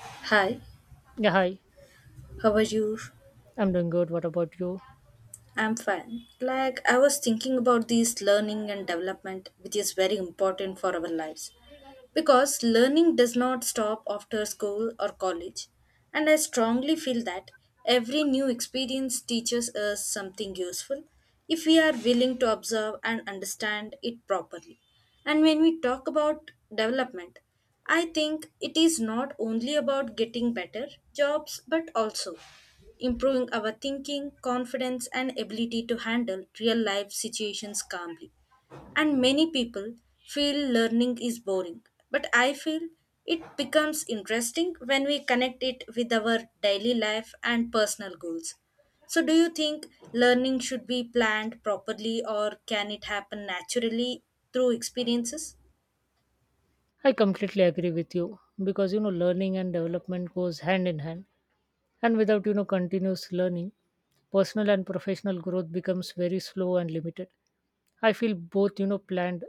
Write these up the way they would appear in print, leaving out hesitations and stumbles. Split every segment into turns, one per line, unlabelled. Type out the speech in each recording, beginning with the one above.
Hi,
Yeah, hi.
how are you?
I'm doing good. What about you?
I'm fine. Like, I was thinking about this learning and development, which is very important for our lives. Because learning does not stop after school or college. And I strongly feel that every new experience teaches us something useful if we are willing to observe and understand it properly. And when we talk about development, I think it is not only about getting better jobs but also improving our thinking, confidence, and ability to handle real life situations calmly, and many people feel learning is boring. But I feel it becomes interesting when we connect it with our daily life and personal goals. So, do you think learning should be planned properly or can it happen naturally through experiences?
I completely agree with you because learning and development goes hand in hand and without continuous learning, personal and professional growth becomes very slow and limited. I feel both planned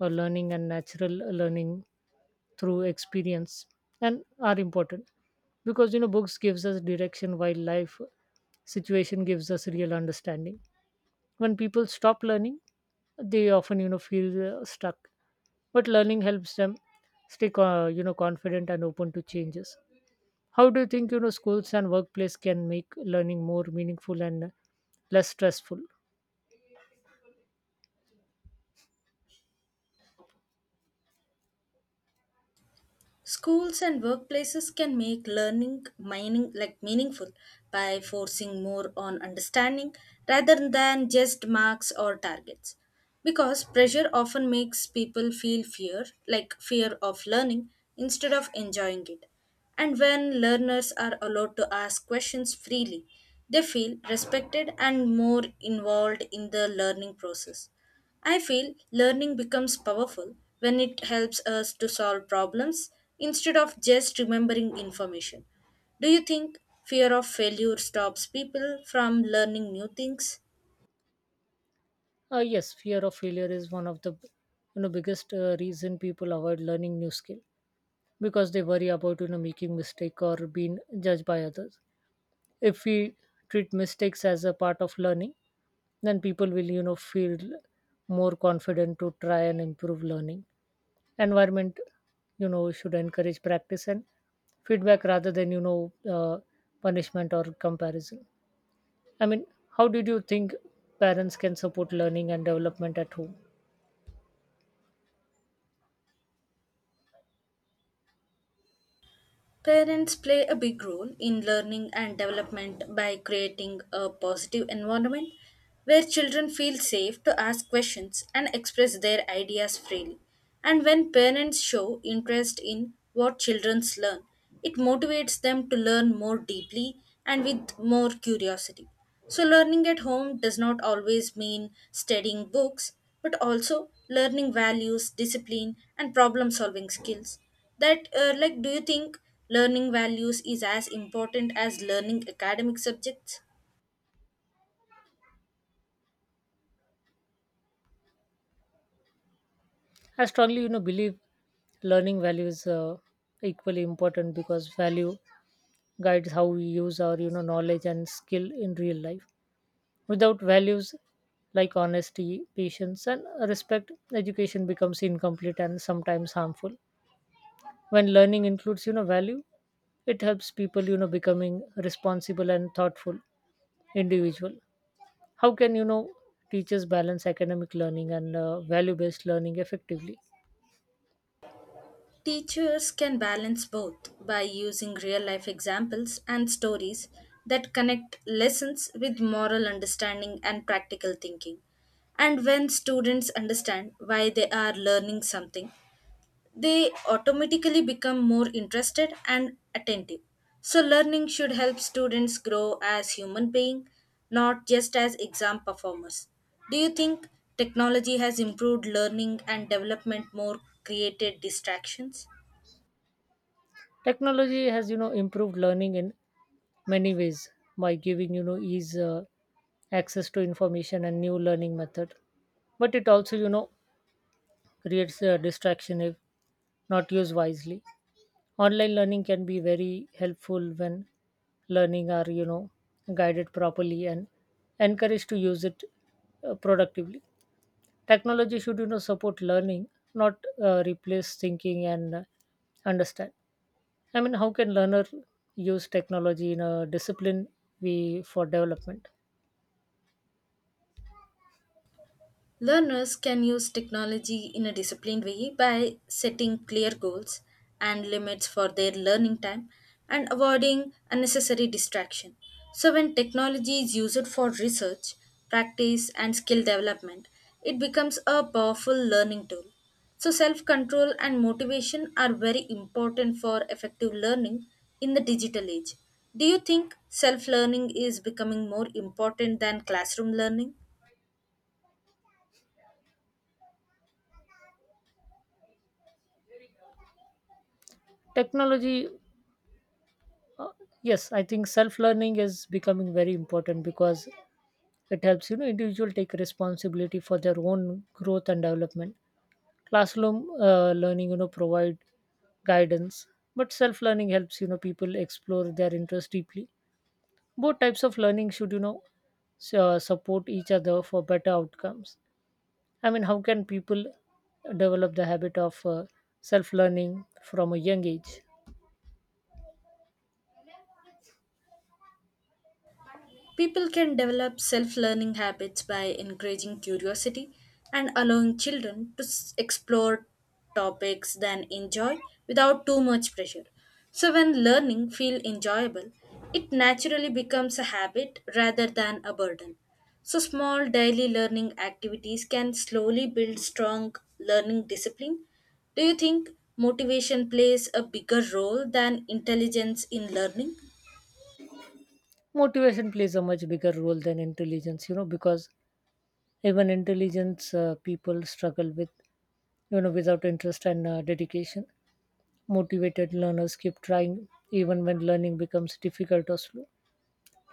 learning and natural learning through experience and are important because books gives us direction while life situation gives us real understanding. When people stop learning they often feel stuck, but learning helps them stay confident and open to changes. How do you think schools and workplace can make learning more meaningful and less stressful?
Schools and workplaces can make learning mining, like, meaningful by forcing more on understanding rather than just marks or targets. Because pressure often makes people feel fear, like fear of learning, instead of enjoying it. And when learners are allowed to ask questions freely, they feel respected and more involved in the learning process. I feel learning becomes powerful when it helps us to solve problems instead of just remembering information. Do you think fear of failure stops people from learning new things?
Yes, fear of failure is one of the biggest reason people avoid learning new skill because they worry about making mistake or being judged by others. If we treat mistakes as a part of learning, then people will feel more confident to try and improve. Learning environment should encourage practice and feedback rather than punishment or comparison. I mean, how did you think parents can support learning and development at home?
Parents play a big role in learning and development by creating a positive environment where children feel safe to ask questions and express their ideas freely. And when parents show interest in what children learn, it motivates them to learn more deeply and with more curiosity. So, learning at home does not always mean studying books, but also learning values, discipline, and problem solving skills. That like, do you think learning values is as important as learning academic subjects?
I strongly believe learning value is equally important because value guides how we use our knowledge and skill in real life. Without values like honesty, patience, and respect, education becomes incomplete and sometimes harmful. When learning includes, value, it helps people, becoming responsible and thoughtful individual. How can teachers balance academic learning and value-based learning effectively?
Teachers can balance both by using real life examples and stories that connect lessons with moral understanding and practical thinking, and when students understand why they are learning something, they automatically become more interested and attentive. So, learning should help students grow as human beings, not just as exam performers. Do you think technology has improved learning and development more created distractions?
Technology has, improved learning in many ways by giving, ease access to information and new learning method. But it also, creates a distraction if not used wisely. Online learning can be very helpful when learning are guided properly and encouraged to use it productively. Technology should support learning, not replace thinking and understand. I mean, how can learner use technology in a discipline we for development?
Learners can use technology in a disciplined way by setting clear goals and limits for their learning time and avoiding unnecessary distraction. So, when technology is used for research, practice, and skill development, it becomes a powerful learning tool. So, self control and motivation are very important for effective learning in the digital age. Do you think self learning is becoming more important than classroom learning?
Technology. Uh, yes, I think self learning is becoming very important because it helps individual take responsibility for their own growth and development. Classroom learning provide guidance, but self learning helps people explore their interest deeply. Both types of learning should support each other for better outcomes. I mean, how can people develop the habit of self learning from a young age?
People can develop self learning habits by encouraging curiosity and allowing children to explore topics they enjoy without too much pressure. So, when learning feels enjoyable, it naturally becomes a habit rather than a burden. So, small daily learning activities can slowly build strong learning discipline. Do you think motivation plays a bigger role than intelligence in learning?
Motivation plays a much bigger role than intelligence, because even intelligence people struggle with, without interest and dedication. Motivated learners keep trying even when learning becomes difficult or slow.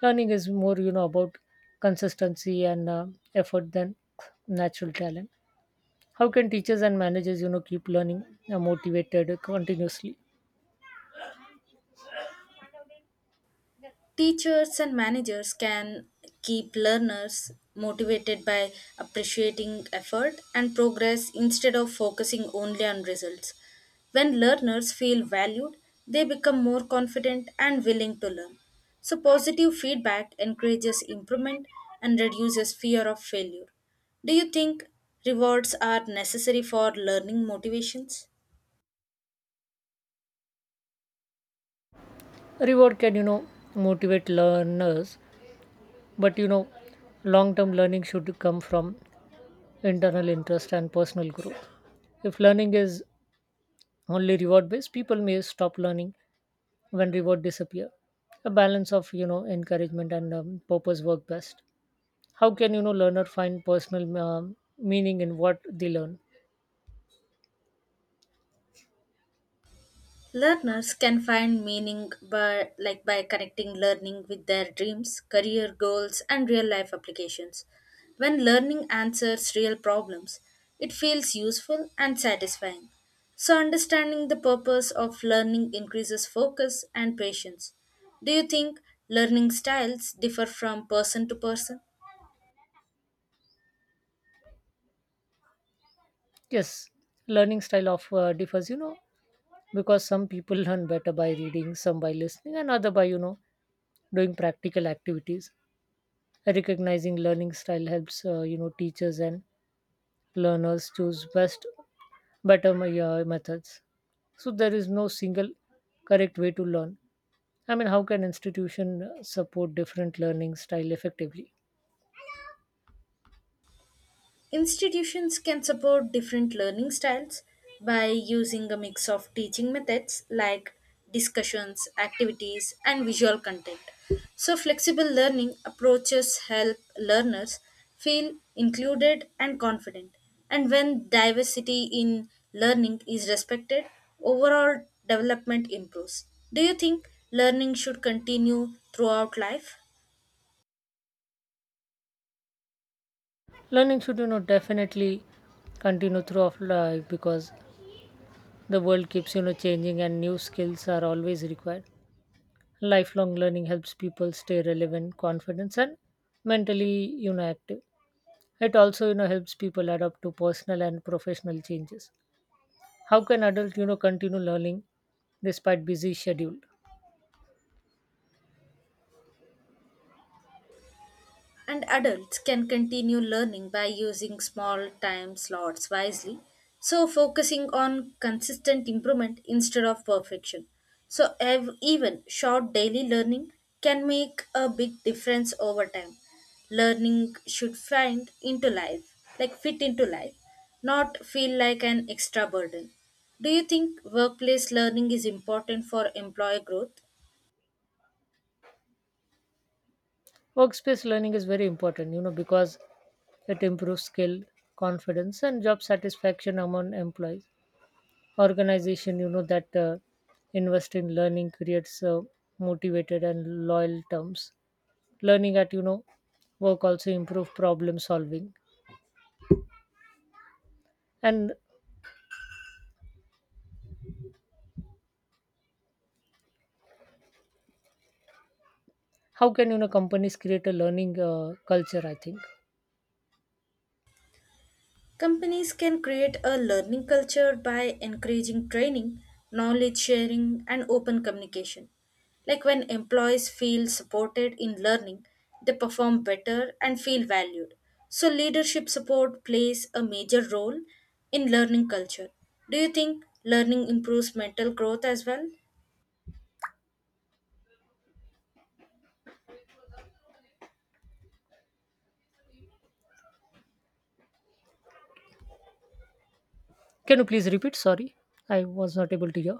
Learning is more, about consistency and effort than natural talent. How can teachers and managers, keep learning motivated continuously?
Teachers and managers can keep learners motivated by appreciating effort and progress instead of focusing only on results. When learners feel valued, they become more confident and willing to learn. So, positive feedback encourages improvement and reduces fear of failure. Do you think rewards are necessary for learning motivations?
Reward can, motivate learners, but long term learning should come from internal interest, and personal growth. If learning is only reward based, people may stop learning when reward disappear. A balance of encouragement and purpose work best. How can learner find personal meaning in what they learn?
Learners can find meaning by, like, by connecting learning with their dreams, career goals and real life applications. When learning answers real problems, it feels useful and satisfying. So understanding the purpose of learning increases focus and patience. Do you think learning styles differ from person to person?
Yes, learning style of differs. Because some people learn better by reading, some by listening, and other by doing practical activities. Recognizing learning style helps teachers and learners choose methods. So there is no single correct way to learn. I mean, how can institution support different learning style effectively?
Institutions can support different learning styles by using a mix of teaching methods like discussions, activities, and visual content. So, flexible learning approaches help learners feel included and confident. And when diversity in learning is respected, overall development improves. Do you think learning should continue throughout life?
Learning should definitely continue throughout life because the world keeps changing and new skills are always required. Lifelong learning helps people stay relevant, confident, and mentally active. It also helps people adapt to personal and professional changes. How can adults, continue learning despite busy schedule?
And adults can continue learning by using small time slots wisely, so focusing on consistent improvement instead of perfection. So, even short daily learning can make a big difference over time. Learning should find into life, like fit into life, not feel like an extra burden. Do you think workplace learning is important for employee growth?
Workspace learning is very important, because it improves skill, confidence, and job satisfaction among employees. Organization, that invest in learning creates motivated and loyal terms. Learning at, work also improve problem solving. And how can, companies create a learning culture, I think.
Companies can create a learning culture by encouraging training, knowledge sharing, and open communication. Like when employees feel supported in learning, they perform better and feel valued. So, leadership support plays a major role in learning culture. Do you think learning improves mental growth as well?
Can you please repeat? Sorry, I was not able to hear.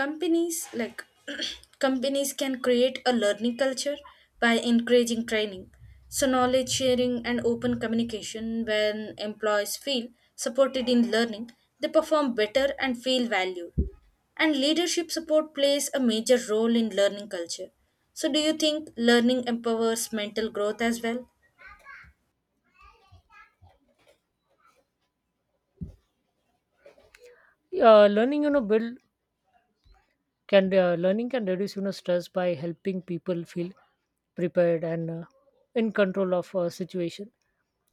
Companies, like companies can create a learning culture by encouraging training, so knowledge sharing and open communication. When employees feel supported in learning, they perform better and feel valued, and leadership support plays a major role in learning culture. So do you think learning empowers mental growth as well?
Learning, you know, build can learning can reduce stress by helping people feel prepared and in control of a situation.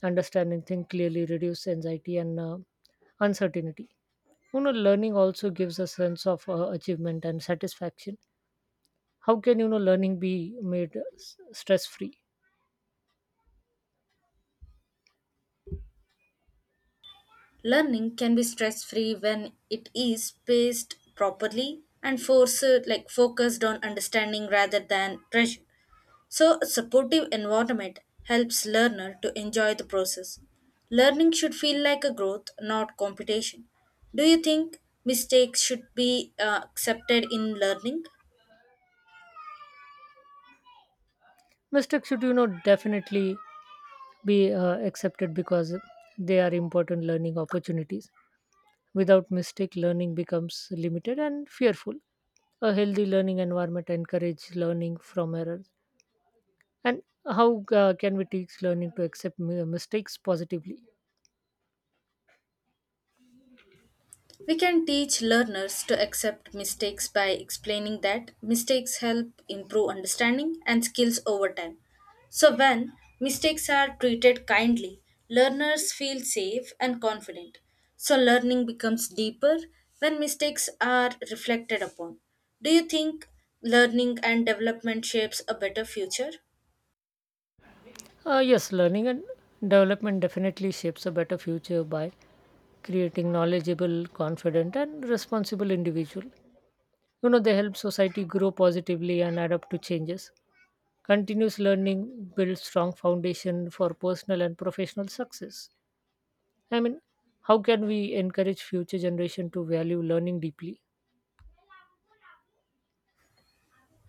Understanding things clearly reduce anxiety and uncertainty. Learning also gives a sense of achievement and satisfaction. How can learning be made stress free?
Learning can be stress free when it is paced properly and forced, like focused on understanding rather than pressure. So, a supportive environment helps learner to enjoy the process. Learning should feel like a growth, not competition. Do you think mistakes should be accepted in learning?
Mistakes should definitely be accepted because they are important learning opportunities. Without mistake, learning becomes limited and fearful. A healthy learning environment encourages learning from errors. And how can we teach learning to accept mistakes positively?
We can teach learners to accept mistakes by explaining that mistakes help improve understanding and skills over time. So, when mistakes are treated kindly, learners feel safe and confident. So, learning becomes deeper when mistakes are reflected upon. Do you think learning and development shapes a better future?
Yes, learning and development definitely shapes a better future by creating knowledgeable, confident, and responsible individual. They help society grow positively and adapt to changes. Continuous learning builds strong foundation for personal and professional success. I mean, how can we encourage future generation to value learning deeply?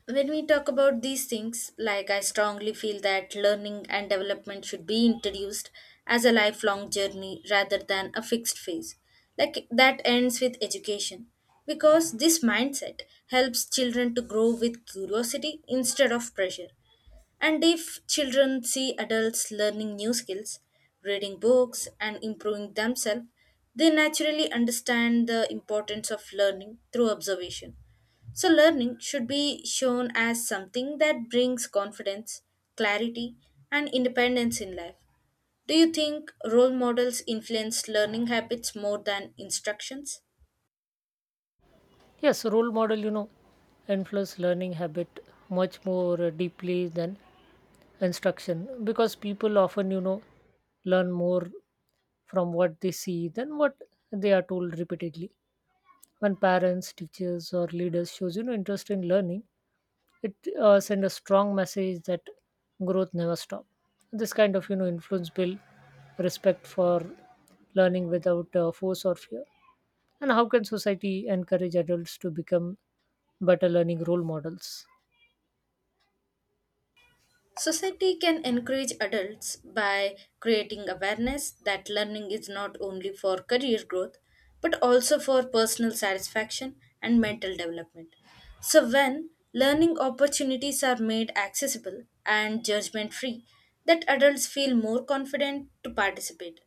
When we talk about these things, like I strongly feel that learning and development should be introduced as a lifelong journey rather than a fixed phase, like that ends with education. Because this mindset helps children to grow with curiosity instead of pressure. And if children see adults learning new skills, reading books, and improving themselves, they naturally understand the importance of learning through observation. So, learning should be shown as something that brings confidence, clarity, and independence in life. Do you think role models influence learning habits more than instructions?
Yes, role model, influence learning habit much more deeply than instruction because people often, learn more from what they see than what they are told repeatedly. When parents, teachers, or leaders shows interest in learning, it send a strong message that growth never stop. This kind of influence build respect for learning without force or fear. And how can society encourage adults to become better learning role models?
Society can encourage adults by creating awareness that learning is not only for career growth but also for personal satisfaction and mental development. So, when learning opportunities are made accessible and judgment free, that adults feel more confident to participate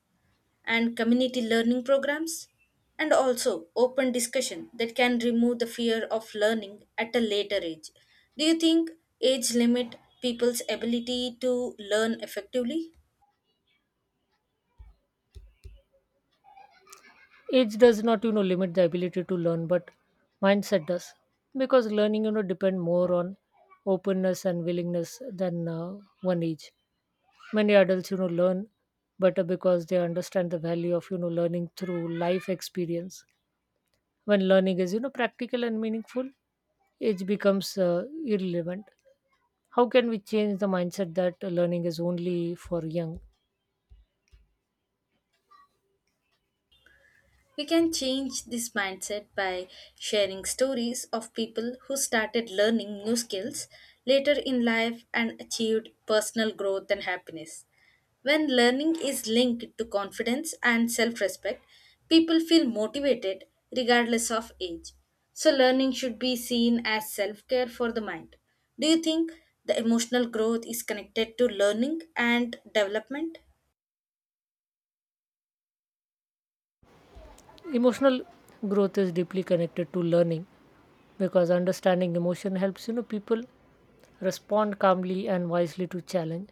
and community learning programs, and also open discussion that can remove the fear of learning at a later age. Do you think age limit people's ability to learn effectively?
Age does not limit the ability to learn, but mindset does because learning depend more on openness and willingness than one age. Many adults learn better because they understand the value of learning through life experience. When learning is practical and meaningful, age becomes irrelevant. How can we change the mindset that learning is only for young?
We can change this mindset by sharing stories of people who started learning new skills later in life and achieved personal growth and happiness. When learning is linked to confidence and self respect, people feel motivated regardless of age. So, learning should be seen as self care for the mind. Do you think the emotional growth is connected to learning and development?
Emotional growth is deeply connected to learning because understanding emotion helps people respond calmly and wisely to challenge.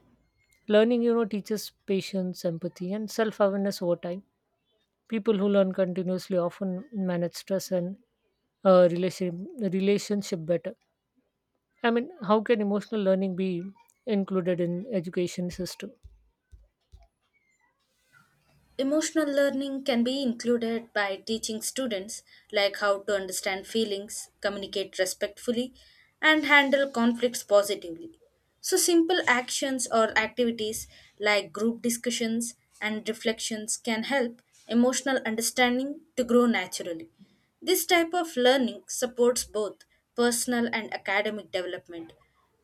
Learning, teaches patience, empathy, and self awareness over time. People who learn continuously often manage stress and relationship better. I mean, how can emotional learning be included in education system?
Emotional learning can be included by teaching students, like, how to understand feelings, communicate respectfully, and handle conflicts positively. So, simple actions or activities like group discussions and reflections can help emotional understanding to grow naturally. This type of learning supports both personal and academic development.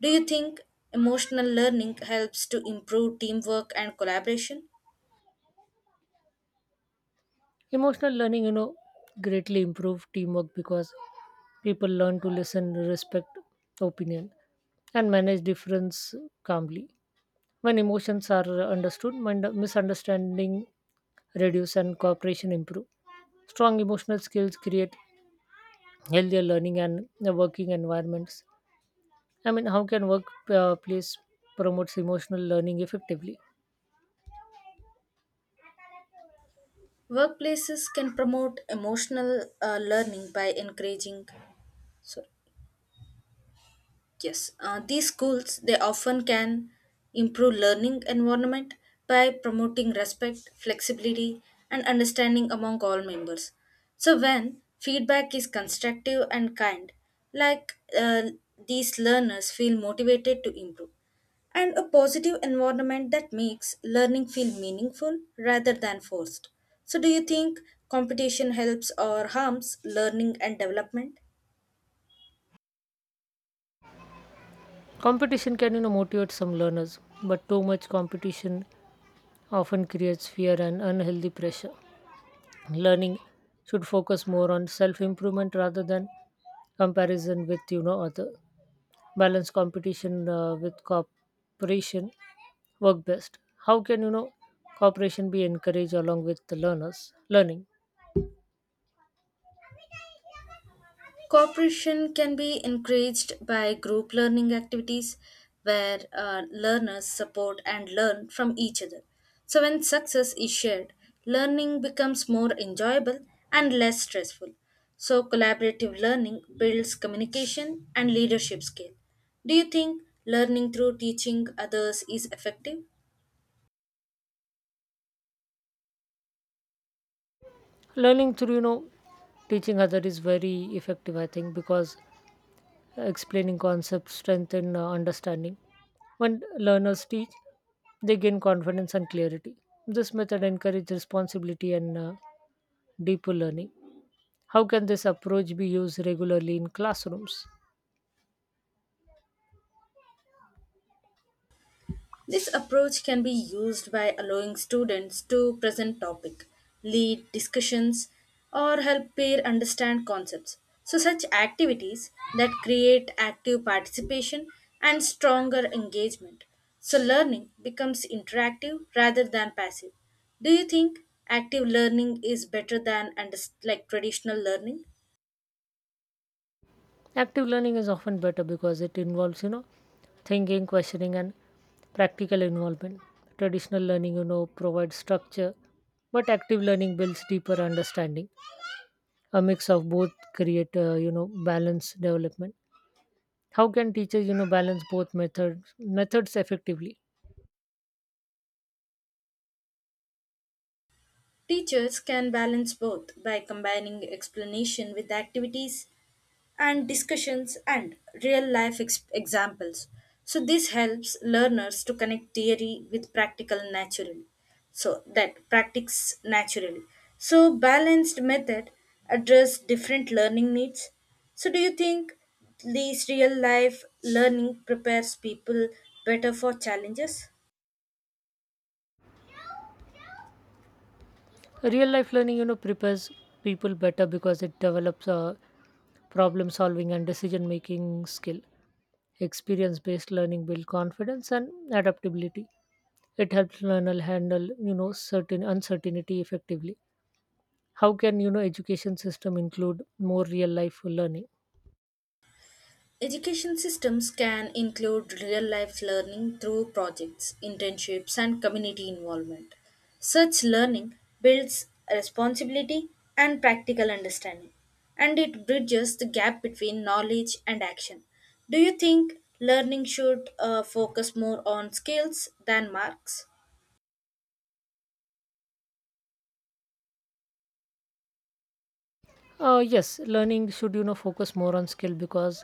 Do you think emotional learning helps to improve teamwork and collaboration?
Emotional learning, greatly improve teamwork because people learn to listen, respect opinion, and manage difference calmly. When emotions are understood, misunderstanding reduce and cooperation improve. Strong emotional skills create healthier learning and working environments. I mean, how can workplace promotes emotional learning effectively?
Workplaces can promote emotional learning by encouraging, sorry. Yes, these schools they often can improve learning environment by promoting respect, flexibility, and understanding among all members. So when feedback is constructive and kind, like, uh, these learners feel motivated to improve, and a positive environment that makes learning feel meaningful rather than forced. So do you think competition helps or harms learning and development?
Competition can motivate some learners, but too much competition often creates fear and unhealthy pressure. Learning should focus more on self-improvement rather than comparison with other. Balance competition with cooperation work best. How can cooperation be encouraged along with the learners learning?
Cooperation can be encouraged by group learning activities where learners support and learn from each other. So, when success is shared, learning becomes more enjoyable and less stressful. So, collaborative learning builds communication and leadership skill. Do you think learning through teaching others is effective?
Learning through teaching other is very effective, I think, because explaining concepts strengthen understanding. When learners teach, they gain confidence and clarity. This method encourages responsibility and deeper learning. How can this approach be used regularly in classrooms?
This approach can be used by allowing students to present topic, lead discussions, or help peer understand concepts. So such activities that create active participation and stronger engagement. So learning becomes interactive rather than passive. Do you think active learning is better than like traditional learning?
Active learning is often better because it involves, thinking, questioning, and practical involvement. Traditional learning, provides structure, but active learning builds deeper understanding. A mix of both create, balanced development. How can teachers, balance both methods effectively?
Teachers can balance both by combining explanation with activities and discussions and real life examples. So, this helps learners to connect theory with practical naturally. So, that practice naturally. So, balanced method address different learning needs. So, do you think these real life learning prepares people better for challenges?
Real life learning, prepares people better because it develops a problem solving and decision making skill. Experience based learning builds confidence and adaptability. It helps learner handle, certain uncertainty effectively. How can education system include more real life learning?
Education systems can include real life learning through projects, internships, and community involvement. Such learning builds responsibility and practical understanding, and it bridges the gap between knowledge and action. Do you think learning should focus more on skills than marks?
Yes, learning should focus more on skill because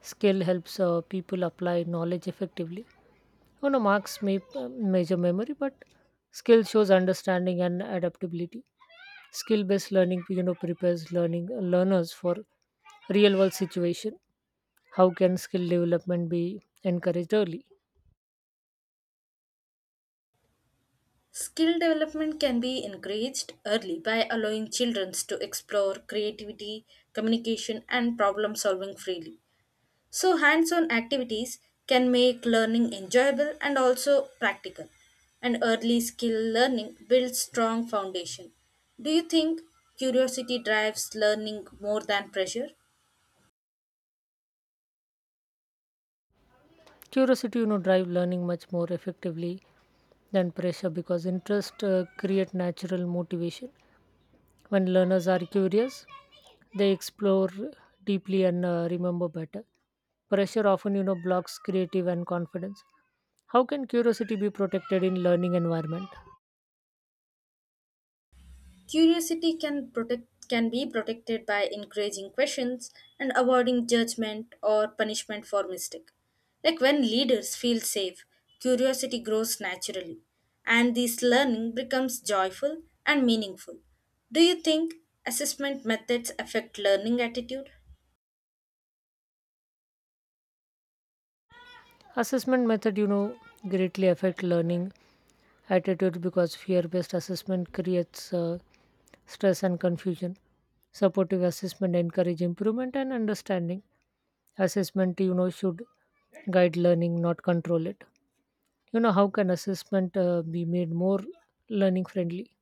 skill helps people apply knowledge effectively. Marks may measure memory, but skill shows understanding and adaptability. Skill-based learning, prepares learning learners for real-world situation. How can skill development be encouraged early?
Skill development can be encouraged early by allowing children to explore creativity, communication, and problem solving freely. So, hands on activities can make learning enjoyable and also practical. And early skill learning builds strong foundation. Do you think curiosity drives learning more than pressure?
Curiosity, drive learning much more effectively than pressure because interest create natural motivation. When learners are curious, they explore deeply and remember better. Pressure often, blocks creative and confidence. How can curiosity be protected in learning environment?
Curiosity can be protected by encouraging questions and avoiding judgment or punishment for mistake. Like when leaders feel safe, curiosity grows naturally and this learning becomes joyful and meaningful. Do you think assessment methods affect learning attitude?
Assessment method, greatly affect learning attitude because fear-based assessment creates stress and confusion. Supportive assessment encourage improvement and understanding. Assessment, should guide learning, not control it. How can assessment be made more learning friendly?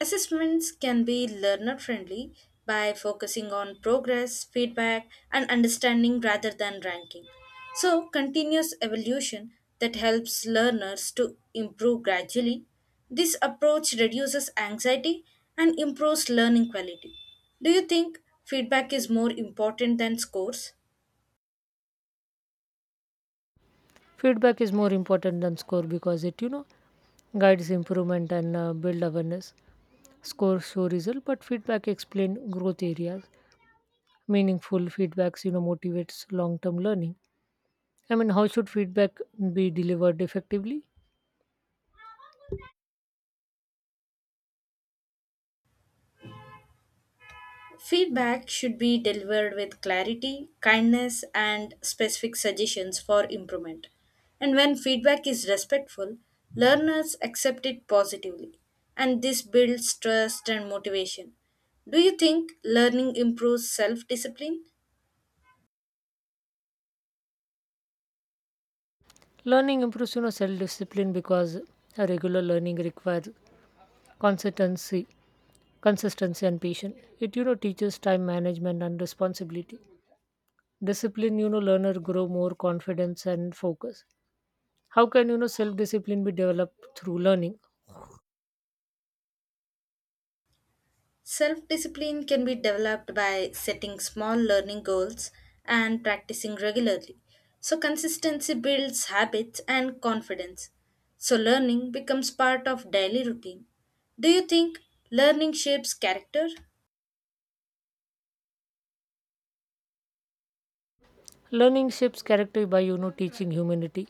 Assessments can be learner friendly by focusing on progress, feedback, and understanding rather than ranking. So, continuous evolution that helps learners to improve gradually. This approach reduces anxiety and improves learning quality. Do you think feedback is more important than scores?
Feedback is more important than score because it, guides improvement and build awareness. Score show result, but feedback explain growth areas. Meaningful feedbacks, motivates long-term learning. I mean, how should feedback be delivered effectively?
Feedback should be delivered with clarity, kindness, and specific suggestions for improvement. And when feedback is respectful, learners accept it positively, and this builds trust and motivation. Do you think learning improves self discipline?
Learning improves, self-discipline because a regular learning requires consistency, consistency and patience. It, teaches time management and responsibility. Discipline, learner grow more confidence and focus. How can self discipline be developed through learning?
Self discipline can be developed by setting small learning goals and practicing regularly. So, consistency builds habits and confidence. So, learning becomes part of daily routine. Do you think learning shapes character?
Learning shapes character by teaching humanity,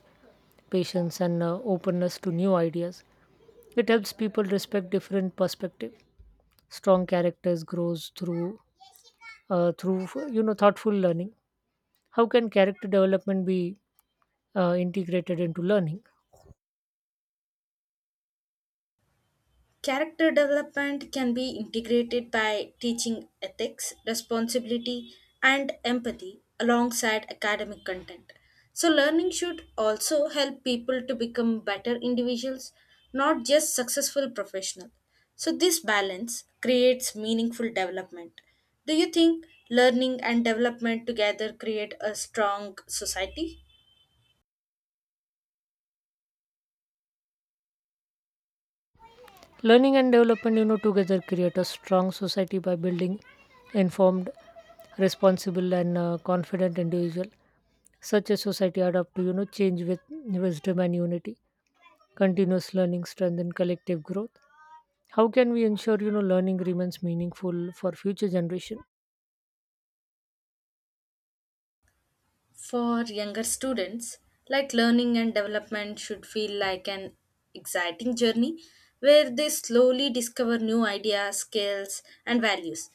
patience, and openness to new ideas. It helps people respect different perspectives. Strong characters grows through thoughtful learning. How can character development be integrated into learning?
Character development can be integrated by teaching ethics, responsibility, and empathy alongside academic content. So, learning should also help people to become better individuals, not just successful professionals. So, this balance creates meaningful development. Do you think learning and development together create a strong society?
Learning and development, together create a strong society by building informed, responsible, and confident individual. Such a society adapt to change with wisdom and unity. Continuous learning strengthen collective growth. How can we ensure learning remains meaningful for future generation?
For younger students, like learning and development should feel like an exciting journey where they slowly discover new ideas, skills, and values.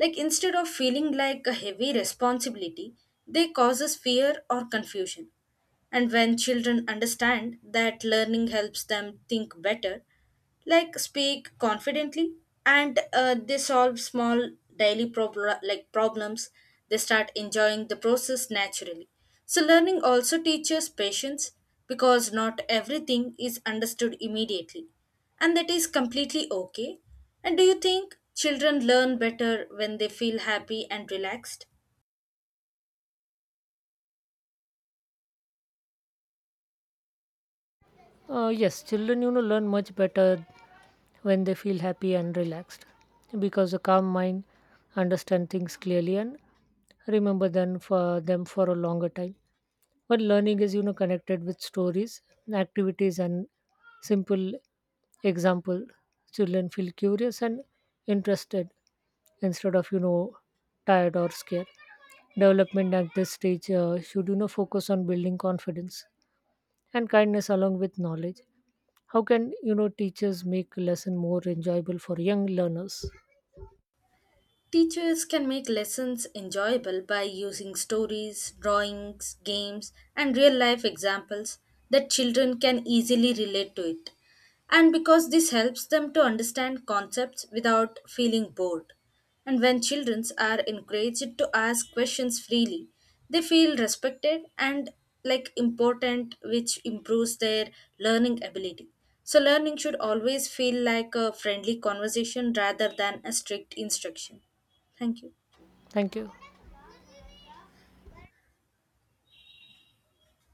Like instead of feeling like a heavy responsibility, they causes fear or confusion. And when children understand that learning helps them think better, like speak confidently, and they solve small daily like problems, they start enjoying the process naturally. So learning also teaches patience because not everything is understood immediately, and that is completely okay. And do you think children learn better when they feel happy and relaxed?
Yes, children, learn much better when they feel happy and relaxed because a calm mind understand things clearly and remember them for a longer time. But learning is, connected with stories, activities, and simple example. Children feel curious and interested instead of, tired or scared. Development at this stage should, focus on building confidence and kindness along with knowledge. How can teachers make lesson more enjoyable for young learners?
Teachers can make lessons enjoyable by using stories, drawings, games, and real life examples that children can easily relate to it. And because this helps them to understand concepts without feeling bored. And when children are encouraged to ask questions freely, they feel respected and like important, which improves their learning ability. So, learning should always feel like a friendly conversation rather than a strict instruction. Thank you.
Thank you.